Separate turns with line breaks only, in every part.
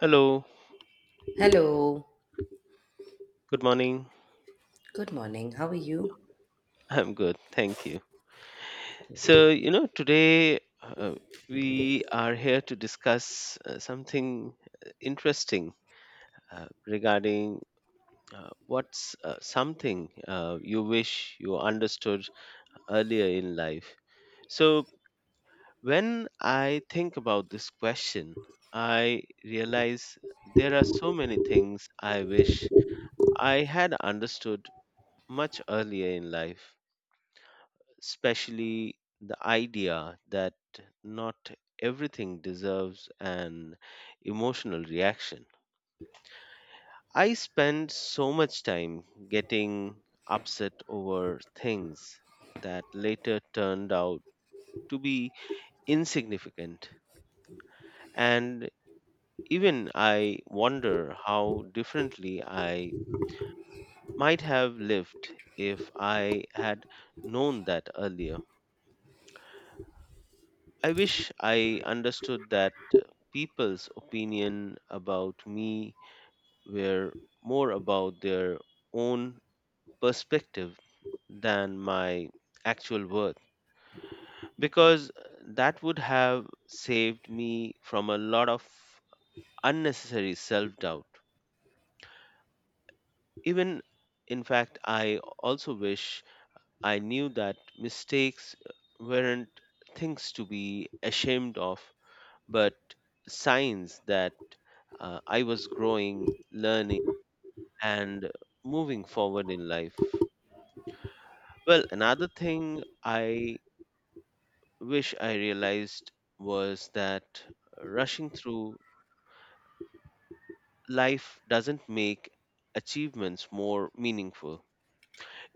Hello,
Hello,
good morning.
good morning. How are you?
I'm good, thank you. So, today we are here to discuss something interesting regarding what's something you wish you understood earlier in life. So, when I think about this question, I realize there are so many things I wish I had understood much earlier in life, especially the idea that not everything deserves an emotional reaction. I spend so much time getting upset over things that later turned out to be insignificant. And even I wonder how differently I might have lived if I had known that earlier. I wish I understood that people's opinion about me were more about their own perspective than my actual worth, because that would have saved me from a lot of unnecessary self doubt. Even in fact, I also wish I knew that mistakes weren't things to be ashamed of, but signs that I was growing, learning, and moving forward in life. Well, another thing I wish I realized was that rushing through life doesn't make achievements more meaningful,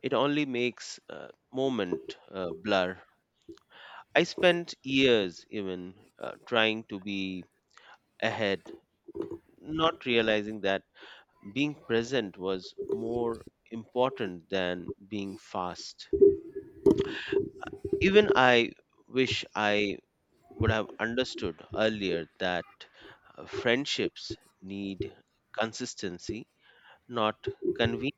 it only makes moment blur. I spent years even trying to be ahead, not realizing that being present was more important than being fast. Even I wish I would have understood earlier that friendships need consistency, not convenience,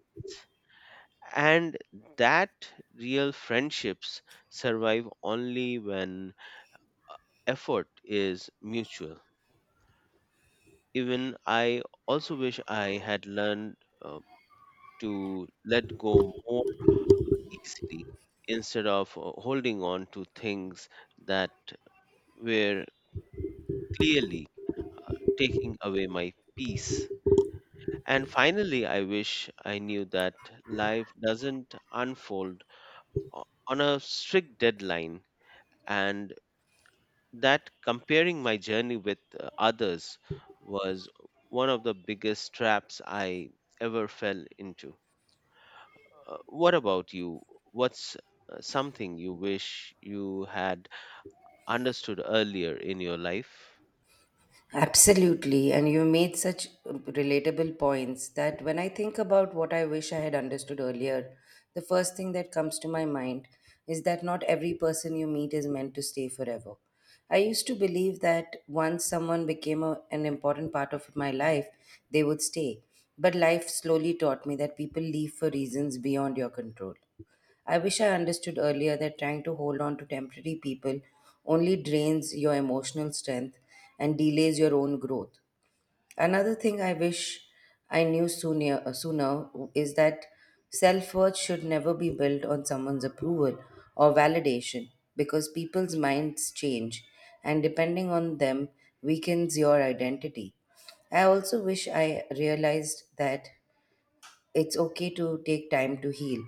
and that real friendships survive only when effort is mutual. Even I also wish I had learned to let go more easily instead of holding on to things that were clearly taking away my peace. And finally, I wish I knew that life doesn't unfold on a strict deadline, and that comparing my journey with others was one of the biggest traps I ever fell into. What about you? What's something you wish you had understood earlier in your life
Absolutely, and you made such relatable points that when I think about what I wish I had understood earlier, the first thing that comes to my mind is that not every person you meet is meant to stay forever. I used to believe that once someone became an important part of my life, they would stay. But life slowly taught me that people leave for reasons beyond your control. I wish I understood earlier that trying to hold on to temporary people only drains your emotional strength and delays your own growth. Another thing I wish I knew sooner is that self worth should never be built on someone's approval or validation because people's minds change and depending on them weakens your identity. I also wish I realized that it's okay to take time to heal,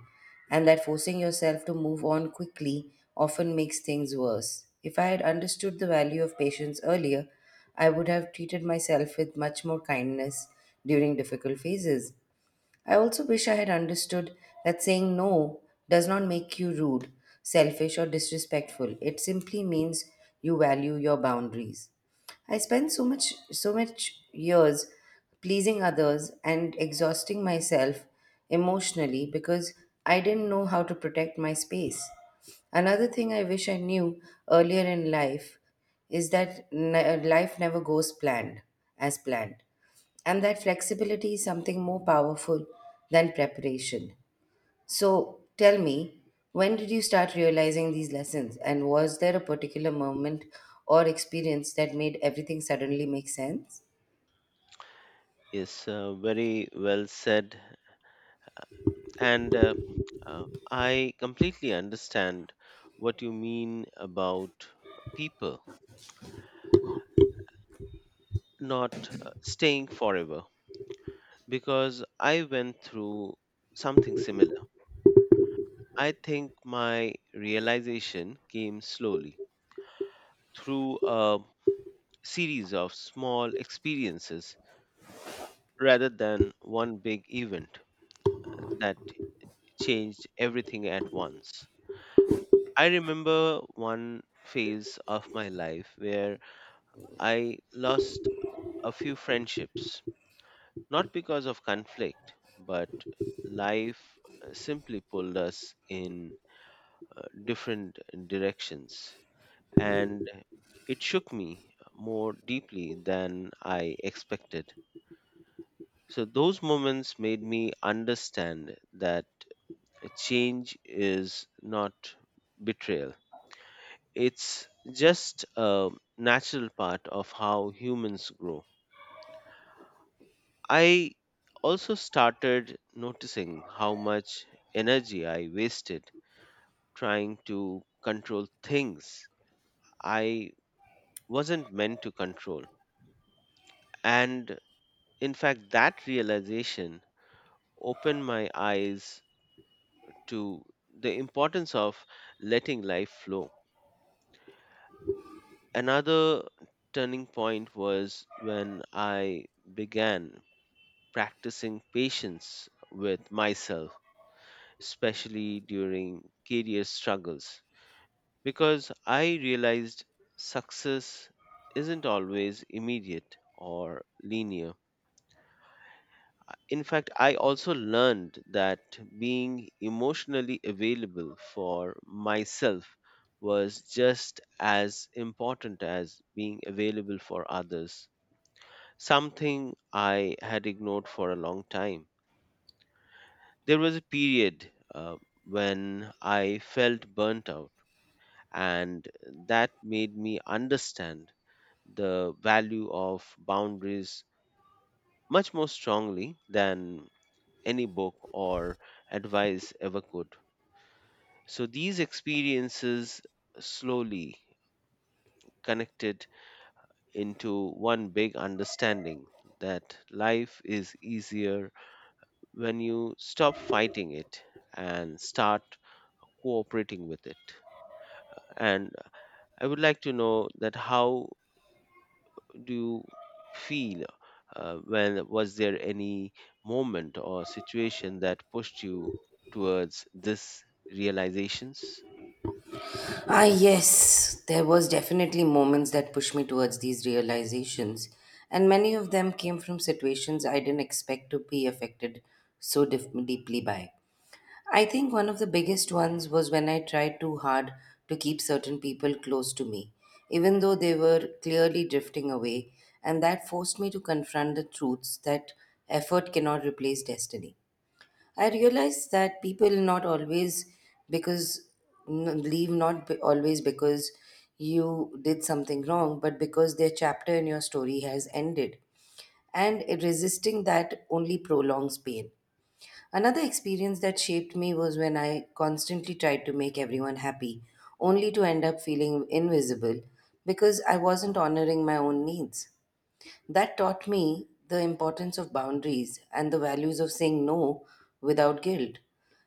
and that forcing yourself to move on quickly often makes things worse. If I had understood the value of patience earlier, I would have treated myself with much more kindness during difficult phases. I also wish I had understood that saying no does not make you rude, selfish, or disrespectful. It simply means you value your boundaries. I spent so much years pleasing others and exhausting myself emotionally because I didn't know how to protect my space. Another thing I wish I knew earlier in life is that life never goes planned as planned. And that flexibility is something more powerful than preparation. So tell me, when did you start realizing these lessons? And was there a particular moment or experience that made everything suddenly make sense?
is very well said. And I completely understand what you mean about people not staying forever, because I went through something similar. I think my realization came slowly through a series of small experiences rather than one big event that changed everything at once. I remember one phase of my life where I lost a few friendships, not because of conflict, but life simply pulled us in different directions. And it shook me more deeply than I expected. So, those moments made me understand that change is not betrayal. It's just a natural part of how humans grow. I also started noticing how much energy I wasted trying to control things I wasn't meant to control. And in fact, that realization opened my eyes to the importance of letting life flow. Another turning point was when I began practicing patience with myself, especially during career struggles, because I realized success isn't always immediate or linear. In fact, I also learned that being emotionally available for myself was just as important as being available for others, something I had ignored for a long time. There was a period when I felt burnt out, and that made me understand the value of boundaries much more strongly than any book or advice ever could. So these experiences slowly connected into one big understanding, that life is easier when you stop fighting it and start cooperating with it. And I would like to know that how do you feel, when, was there any moment or situation that pushed you towards this realizations?
Ah, yes, there was definitely moments that pushed me towards these realizations, and many of them came from situations I didn't expect to be affected so deeply by. I think one of the biggest ones was when I tried too hard to keep certain people close to me, even though they were clearly drifting away, and that forced me to confront the truths that effort cannot replace destiny. I realized that people not always because n- leave not be- always because you did something wrong, but because their chapter in your story has ended and resisting that only prolongs pain. Another experience that shaped me was when I constantly tried to make everyone happy, only to end up feeling invisible because I wasn't honoring my own needs. That taught me the importance of boundaries and the values of saying no without guilt.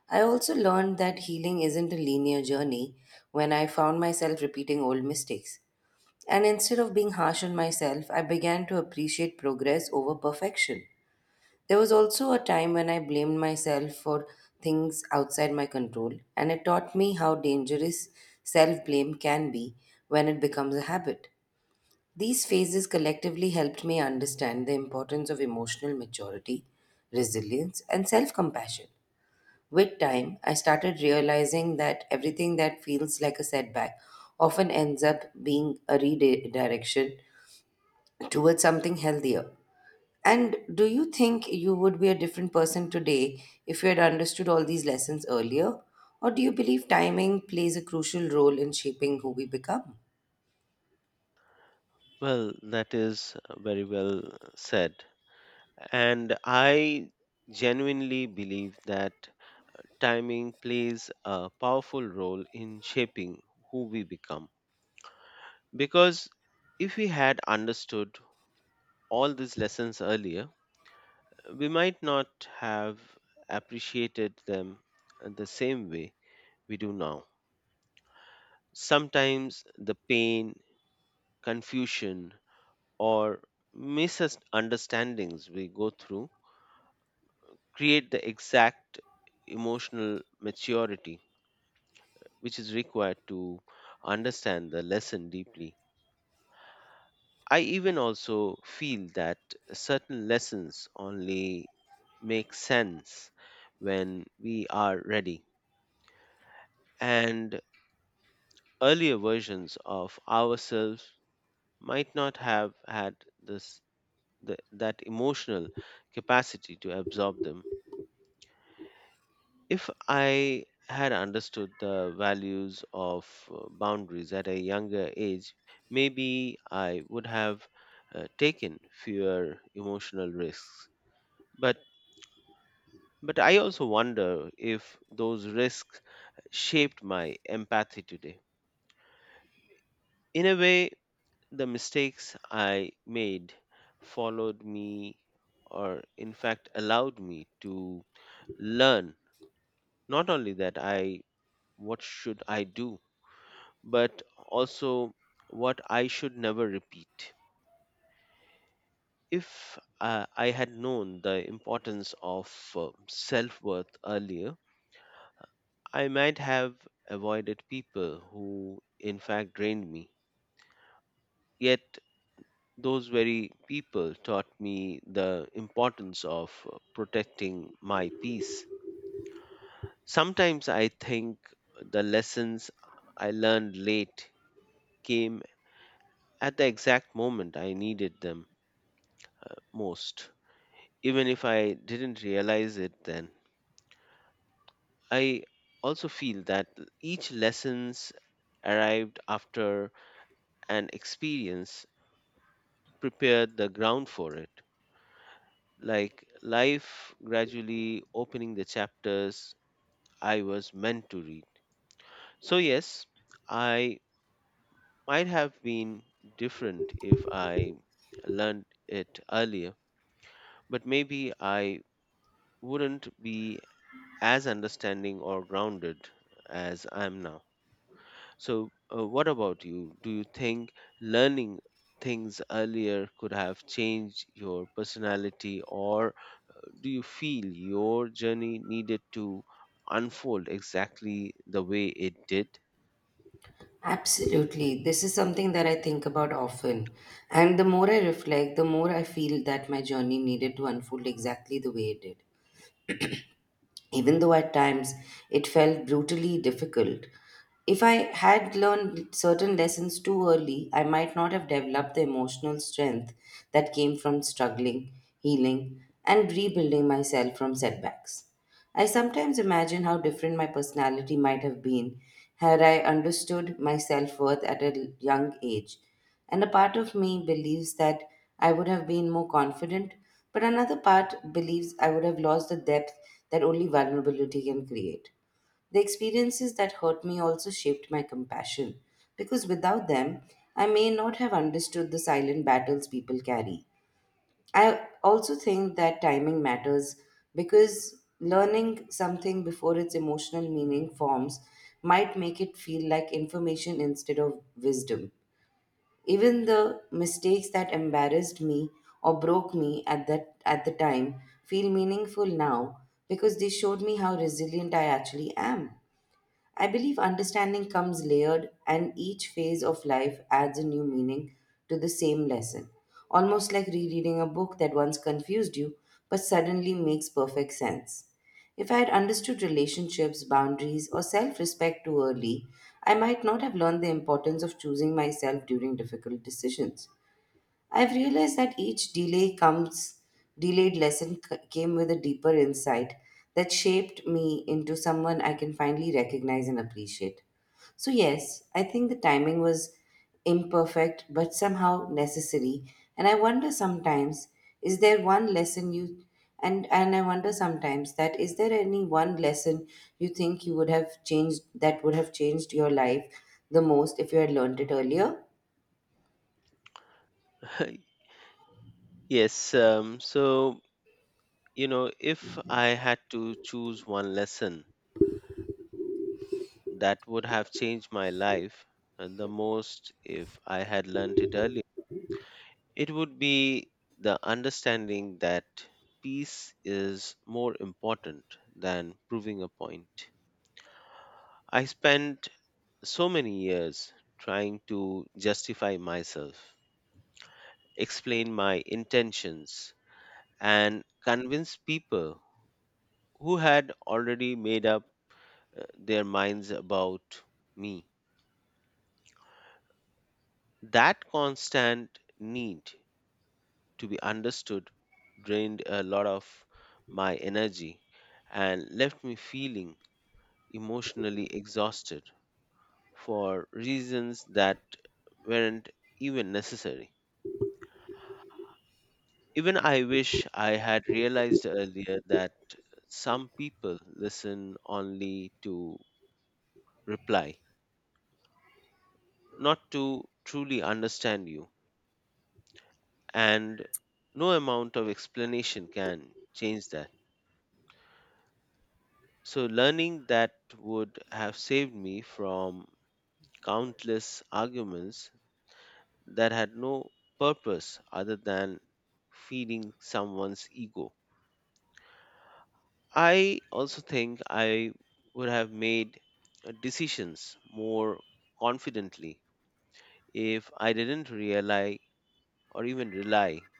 I also learned that healing isn't a linear journey when I found myself repeating old mistakes. And instead of being harsh on myself, I began to appreciate progress over perfection. There was also a time when I blamed myself for things outside my control, and it taught me how dangerous self blame can be when it becomes a habit. These phases collectively helped me understand the importance of emotional maturity, resilience, and self compassion. With time, I started realizing that everything that feels like a setback often ends up being a redirection towards something healthier. And do you think you would be a different person today if you had understood all these lessons earlier? Or do you believe timing plays a crucial role in shaping who we become?
Well, that is very well said. And I genuinely believe that timing plays a powerful role in shaping who we become. Because if we had understood all these lessons earlier, we might not have appreciated them the same way we do now. Sometimes the pain, confusion, or misunderstandings we go through create the exact emotional maturity which is required to understand the lesson deeply. I even also feel that certain lessons only make sense when we are ready, and earlier versions of ourselves might not have had this that emotional capacity to absorb them. If I had understood the values of boundaries at a younger age, maybe I would have taken fewer emotional risks. But but I also wonder if those risks shaped my empathy today. In a way, the mistakes I made followed me, or in fact, allowed me to learn not only that I what should I do, but also what I should never repeat. If I had known the importance of self worth earlier, I might have avoided people who, in fact, drained me. Yet those very people taught me the importance of protecting my peace. Sometimes I think the lessons I learned late came at the exact moment I needed them most, even if I didn't realize it then. I also feel that each lessons arrived after an experience prepared the ground for it, like life gradually opening the chapters I was meant to read. So, yes, I might have been different if I learned it earlier, but maybe I wouldn't be as understanding or grounded as I am now. So, what about you? Do you think learning things earlier could have changed your personality, or do you feel your journey needed to unfold exactly the way it did?
Absolutely. This is something that I think about often. And the more I reflect, the more I feel that my journey needed to unfold exactly the way it did, even though at times it felt brutally difficult. If I had learned certain lessons too early, I might not have developed the emotional strength that came from struggling, healing, and rebuilding myself from setbacks. I sometimes imagine how different my personality might have been had I understood my self worth at a young age. And a part of me believes that I would have been more confident, but another part believes I would have lost the depth that only vulnerability can create. The experiences that hurt me also shaped my compassion, because without them, I may not have understood the silent battles people carry. I also think that timing matters because learning something before its emotional meaning forms might make it feel like information instead of wisdom. Even the mistakes that embarrassed me or broke me at the time feel meaningful now because they showed me how resilient I actually am. I believe understanding comes layered, and each phase of life adds a new meaning to the same lesson, almost like rereading a book that once confused you but suddenly makes perfect sense. If I had understood relationships, boundaries, or self respect too early, I might not have learned the importance of choosing myself during difficult decisions. I've realized that each delayed lesson came with a deeper insight that shaped me into someone I can finally recognize and appreciate. So, yes, I think the timing was imperfect but somehow necessary. And I wonder sometimes, is there one lesson you and I wonder sometimes that is there any one lesson you think you would have changed your life the most if you had learned it earlier?
Yes, so if I had to choose one lesson that would have changed my life the most, if I had learned it earlier, it would be the understanding that peace is more important than proving a point. I spent so many years trying to justify myself, explain my intentions, and convince people who had already made up their minds about me. That constant need to be understood drained a lot of my energy and left me feeling emotionally exhausted for reasons that weren't even necessary. Even I wish I had realized earlier that some people listen only to reply, not to truly understand you, and no amount of explanation can change that. So, learning that would have saved me from countless arguments that had no purpose other than feeding someone's ego. I also think I would have made decisions more confidently if I didn't rely, or even rely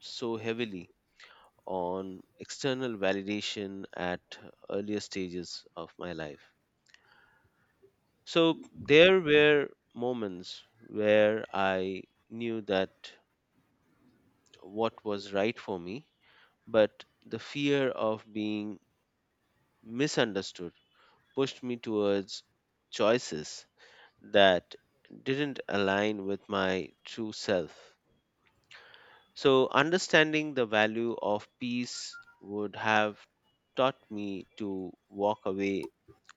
so heavily on external validation at earlier stages of my life. So there were moments where I knew that what was right for me, but the fear of being misunderstood pushed me towards choices that didn't align with my true self. So understanding the value of peace would have taught me to walk away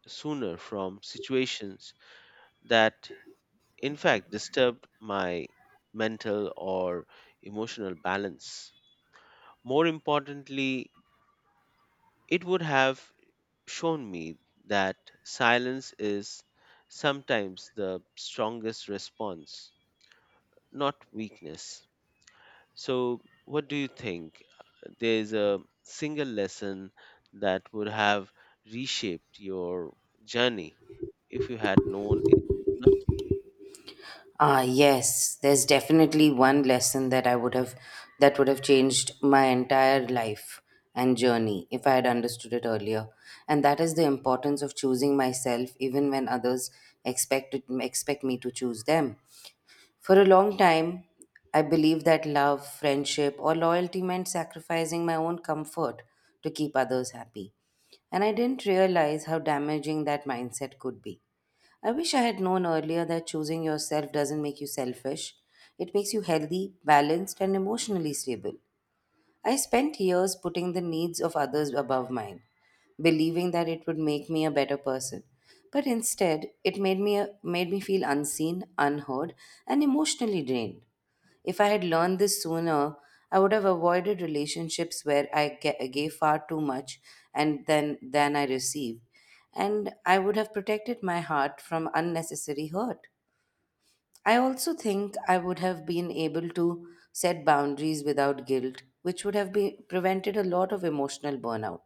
sooner from situations that, in fact, disturbed my mental or emotional balance. More importantly, it would have shown me that silence is sometimes the strongest response, not weakness. So, what do you think? There's a single lesson that would have reshaped your journey if you had known it sooner?
Ah, yes, there's definitely one lesson that would have changed my entire life and journey if I had understood it earlier. And that is the importance of choosing myself even when others expect me to choose them. For a long time, I believed that love, friendship, or loyalty meant sacrificing my own comfort to keep others happy. And I didn't realize how damaging that mindset could be. I wish I had known earlier that choosing yourself doesn't make you selfish. It makes you healthy, balanced, and emotionally stable. I spent years putting the needs of others above mine, believing that it would make me a better person. But instead, it made me feel unseen, unheard, and emotionally drained. If I had learned this sooner, I would have avoided relationships where I gave far too much and then than I received, and I would have protected my heart from unnecessary hurt. I also think I would have been able to set boundaries without guilt, which would have been prevented a lot of emotional burnout.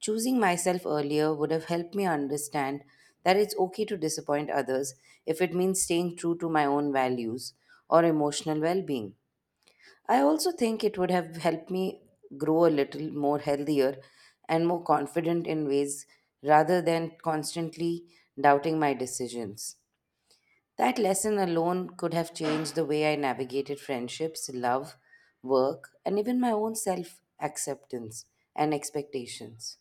Choosing myself earlier would have helped me understand that it's okay to disappoint others if it means staying true to my own values or emotional well being. I also think it would have helped me grow a little more healthier and more confident in ways rather than constantly doubting my decisions. That lesson alone could have changed the way I navigated friendships, love, work, and even my own self acceptance and expectations.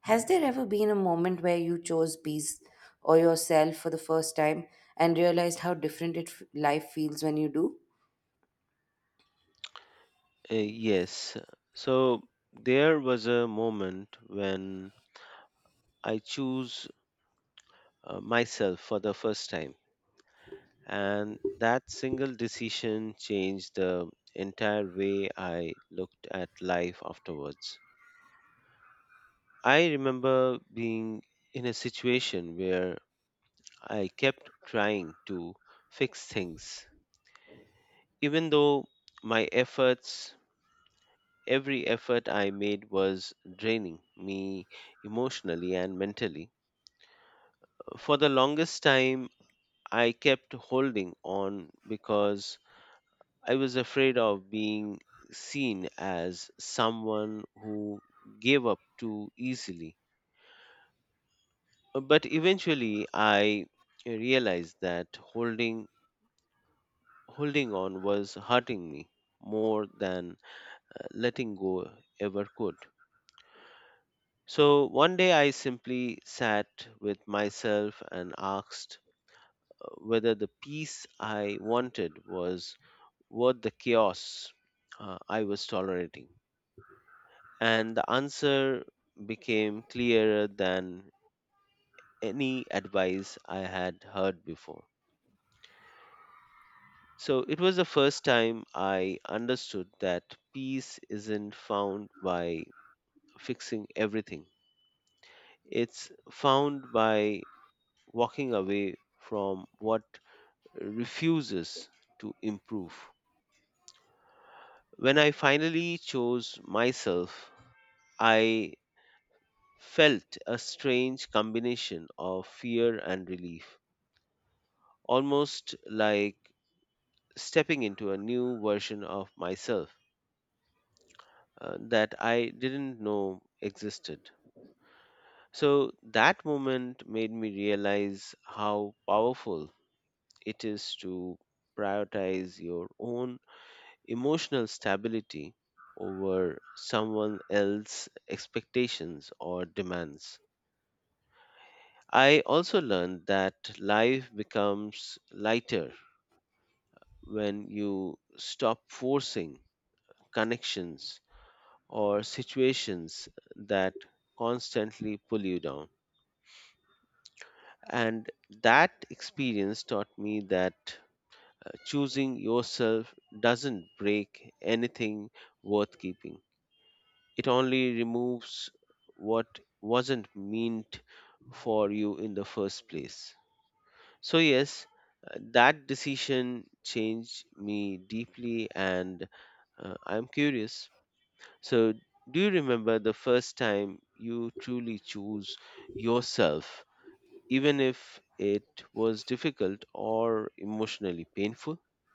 Has there ever been a moment where you chose peace or yourself for the first time and realized how different life feels when you do?
Yes. So there was a moment when I chose myself for the first time, and that single decision changed the entire way I looked at life afterwards. I remember being in a situation where I kept trying to fix things, even though my efforts, every effort I made, was draining me emotionally and mentally. For the longest time, I kept holding on because I was afraid of being seen as someone who gave up too easily. But eventually, I realized that holding on was hurting me more than letting go ever could. So one day I simply sat with myself and asked whether the peace I wanted was worth the chaos I was tolerating. And the answer became clearer than any advice I had heard before. So it was the first time I understood that peace isn't found by fixing everything, it's found by walking away from what refuses to improve. When I finally chose myself, I felt a strange combination of fear and relief, almost like stepping into a new version of myself that I didn't know existed. So that moment made me realize how powerful it is to prioritize your own emotional stability over someone else's expectations or demands. I also learned that life becomes lighter when you stop forcing connections or situations that constantly pull you down. And that experience taught me that choosing yourself doesn't break anything worth keeping. It only removes what wasn't meant for you in the first place. So, yes, that decision changed me deeply, and I'm curious. So, do you remember the first time you truly choose yourself, even if it was difficult or emotionally painful?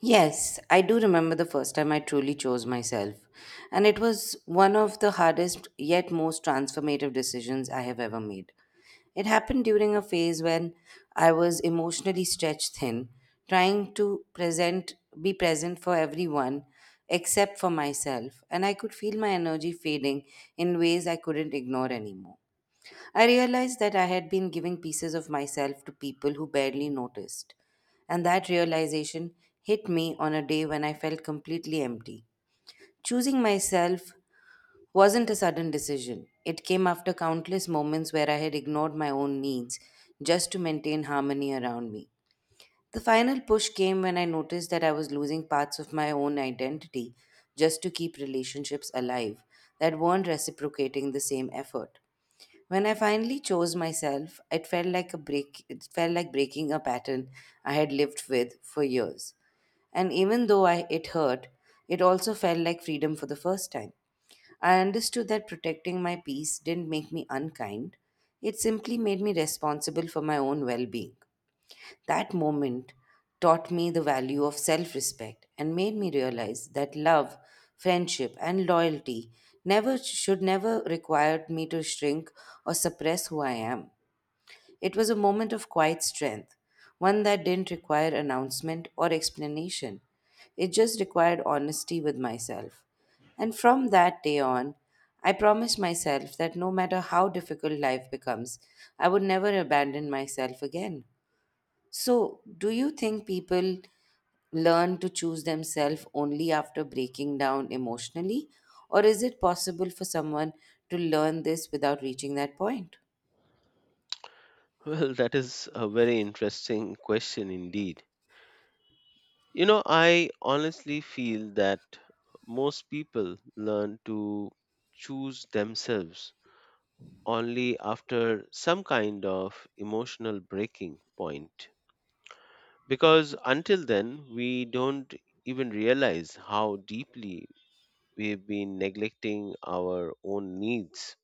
Yes, I do remember the first time I truly chose myself, and it was one of the hardest yet most transformative decisions I have ever made. It happened during a phase when I was emotionally stretched thin, trying to present be present for everyone except for myself, and I could feel my energy fading in ways I couldn't ignore anymore. I realized that I had been giving pieces of myself to people who barely noticed, and that realization hit me on a day when I felt completely empty. Choosing myself wasn't a sudden decision, it came after countless moments where I had ignored my own needs just to maintain harmony around me. The final push came when I noticed that I was losing parts of my own identity just to keep relationships alive that weren't reciprocating the same effort. When I finally chose myself, it felt like breaking a pattern I had lived with for years. And even though I it hurt, it also felt like freedom for the first time. I understood that protecting my peace didn't make me unkind. It simply made me responsible for my own well-being. That moment taught me the value of self respect and made me realize that love, friendship, and loyalty never should never require me to shrink or suppress who I am. It was a moment of quiet strength, one that didn't require announcement or explanation. It just required honesty with myself. And from that day on, I promised myself that no matter how difficult life becomes, I would never abandon myself again. So, do you think people learn to choose themselves only after breaking down emotionally? Or is it possible for someone to learn this without reaching that point?
Well, that is a very interesting question indeed. I honestly feel that most people learn to choose themselves only after some kind of emotional breaking point. Because until then, we don't even realize how deeply we've been neglecting our own needs.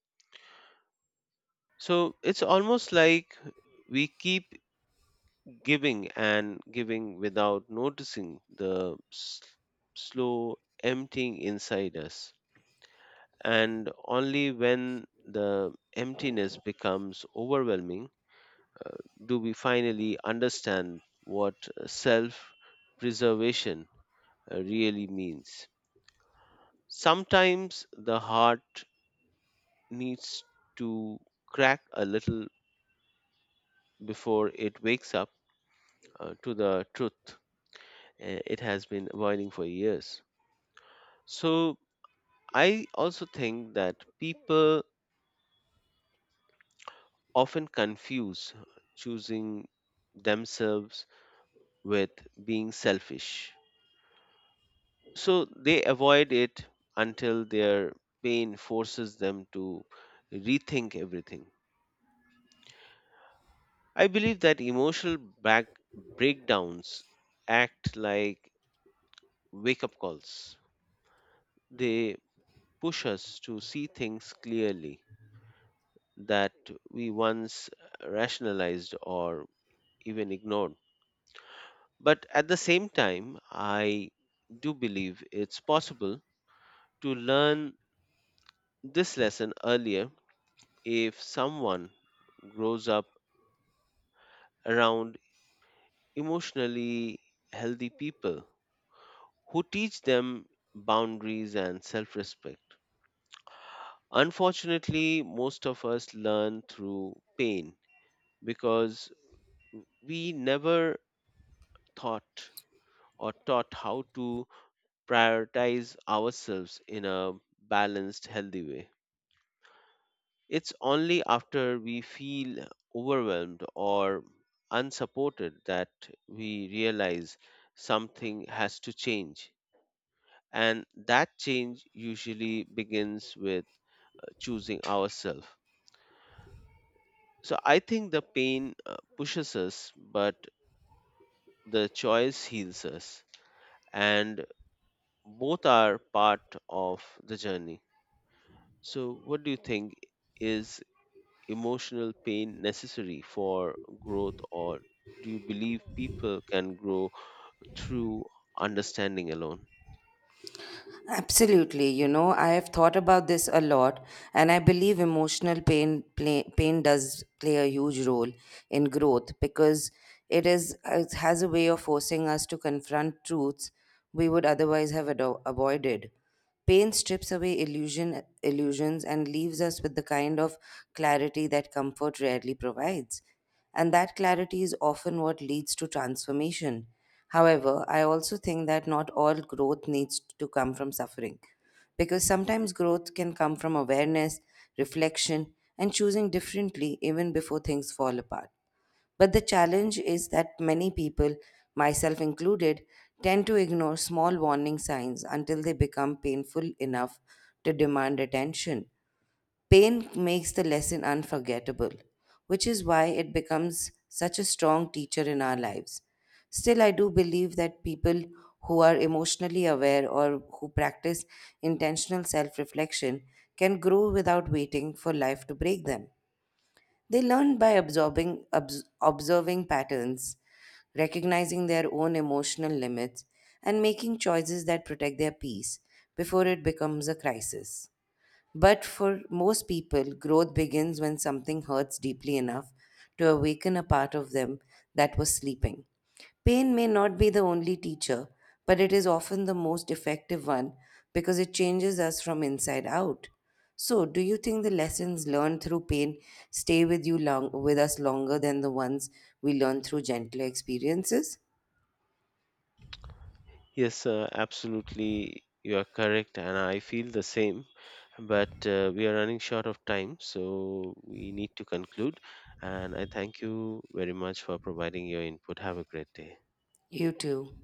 So it's almost like we keep giving and giving without noticing the slow emptying inside us. And only when the emptiness becomes overwhelming, Uh, do we finally understand what self preservation really means. Sometimes the heart needs to crack a little before it wakes up to the truth it has been avoiding for years. So, I also think that people often confuse choosing themselves with being selfish, so they avoid it until their pain forces them to rethink everything. I believe that emotional back breakdowns act like wake up calls. They push us to see things clearly that we once rationalized or even ignored. But at the same time, I do believe it's possible to learn this lesson earlier if someone grows up around emotionally healthy people who teach them boundaries and self respect. Unfortunately, most of us learn through pain because we never thought or taught how to prioritize ourselves in a balanced, healthy way. It's only after we feel overwhelmed or unsupported that we realize something has to change. And that change usually begins with choosing ourselves. So I think the pain pushes us, but the choice heals us. And both are part of the journey. So, what do you think, is emotional pain necessary for growth, or do you believe people can grow through understanding alone?
Absolutely. You know, I have thought about this a lot, and I believe emotional pain does play a huge role in growth because it has a way of forcing us to confront truths we would otherwise have avoided. Pain strips away illusions and leaves us with the kind of clarity that comfort rarely provides, and that clarity is often what leads to transformation. However, I also think that not all growth needs to come from suffering, because sometimes growth can come from awareness, reflection, and choosing differently even before things fall apart. But the challenge is that many people, myself included, tend to ignore small warning signs until they become painful enough to demand attention. Pain makes the lesson unforgettable, which is why it becomes such a strong teacher in our lives. Still, I do believe that people who are emotionally aware or who practice intentional self reflection can grow without waiting for life to break them. They learn by absorbing, observing patterns, recognizing their own emotional limits, and making choices that protect their peace before it becomes a crisis. But for most people, growth begins when something hurts deeply enough to awaken a part of them that was sleeping. Pain may not be the only teacher, but it is often the most effective one because it changes us from inside out. So, do you think the lessons learned through pain stay with us longer than the ones we learn through gentler experiences?
Yes, absolutely, you are correct, and I feel the same. But we are running short of time, so we need to conclude. And I thank you very much for providing your input. Have a great day.
You too.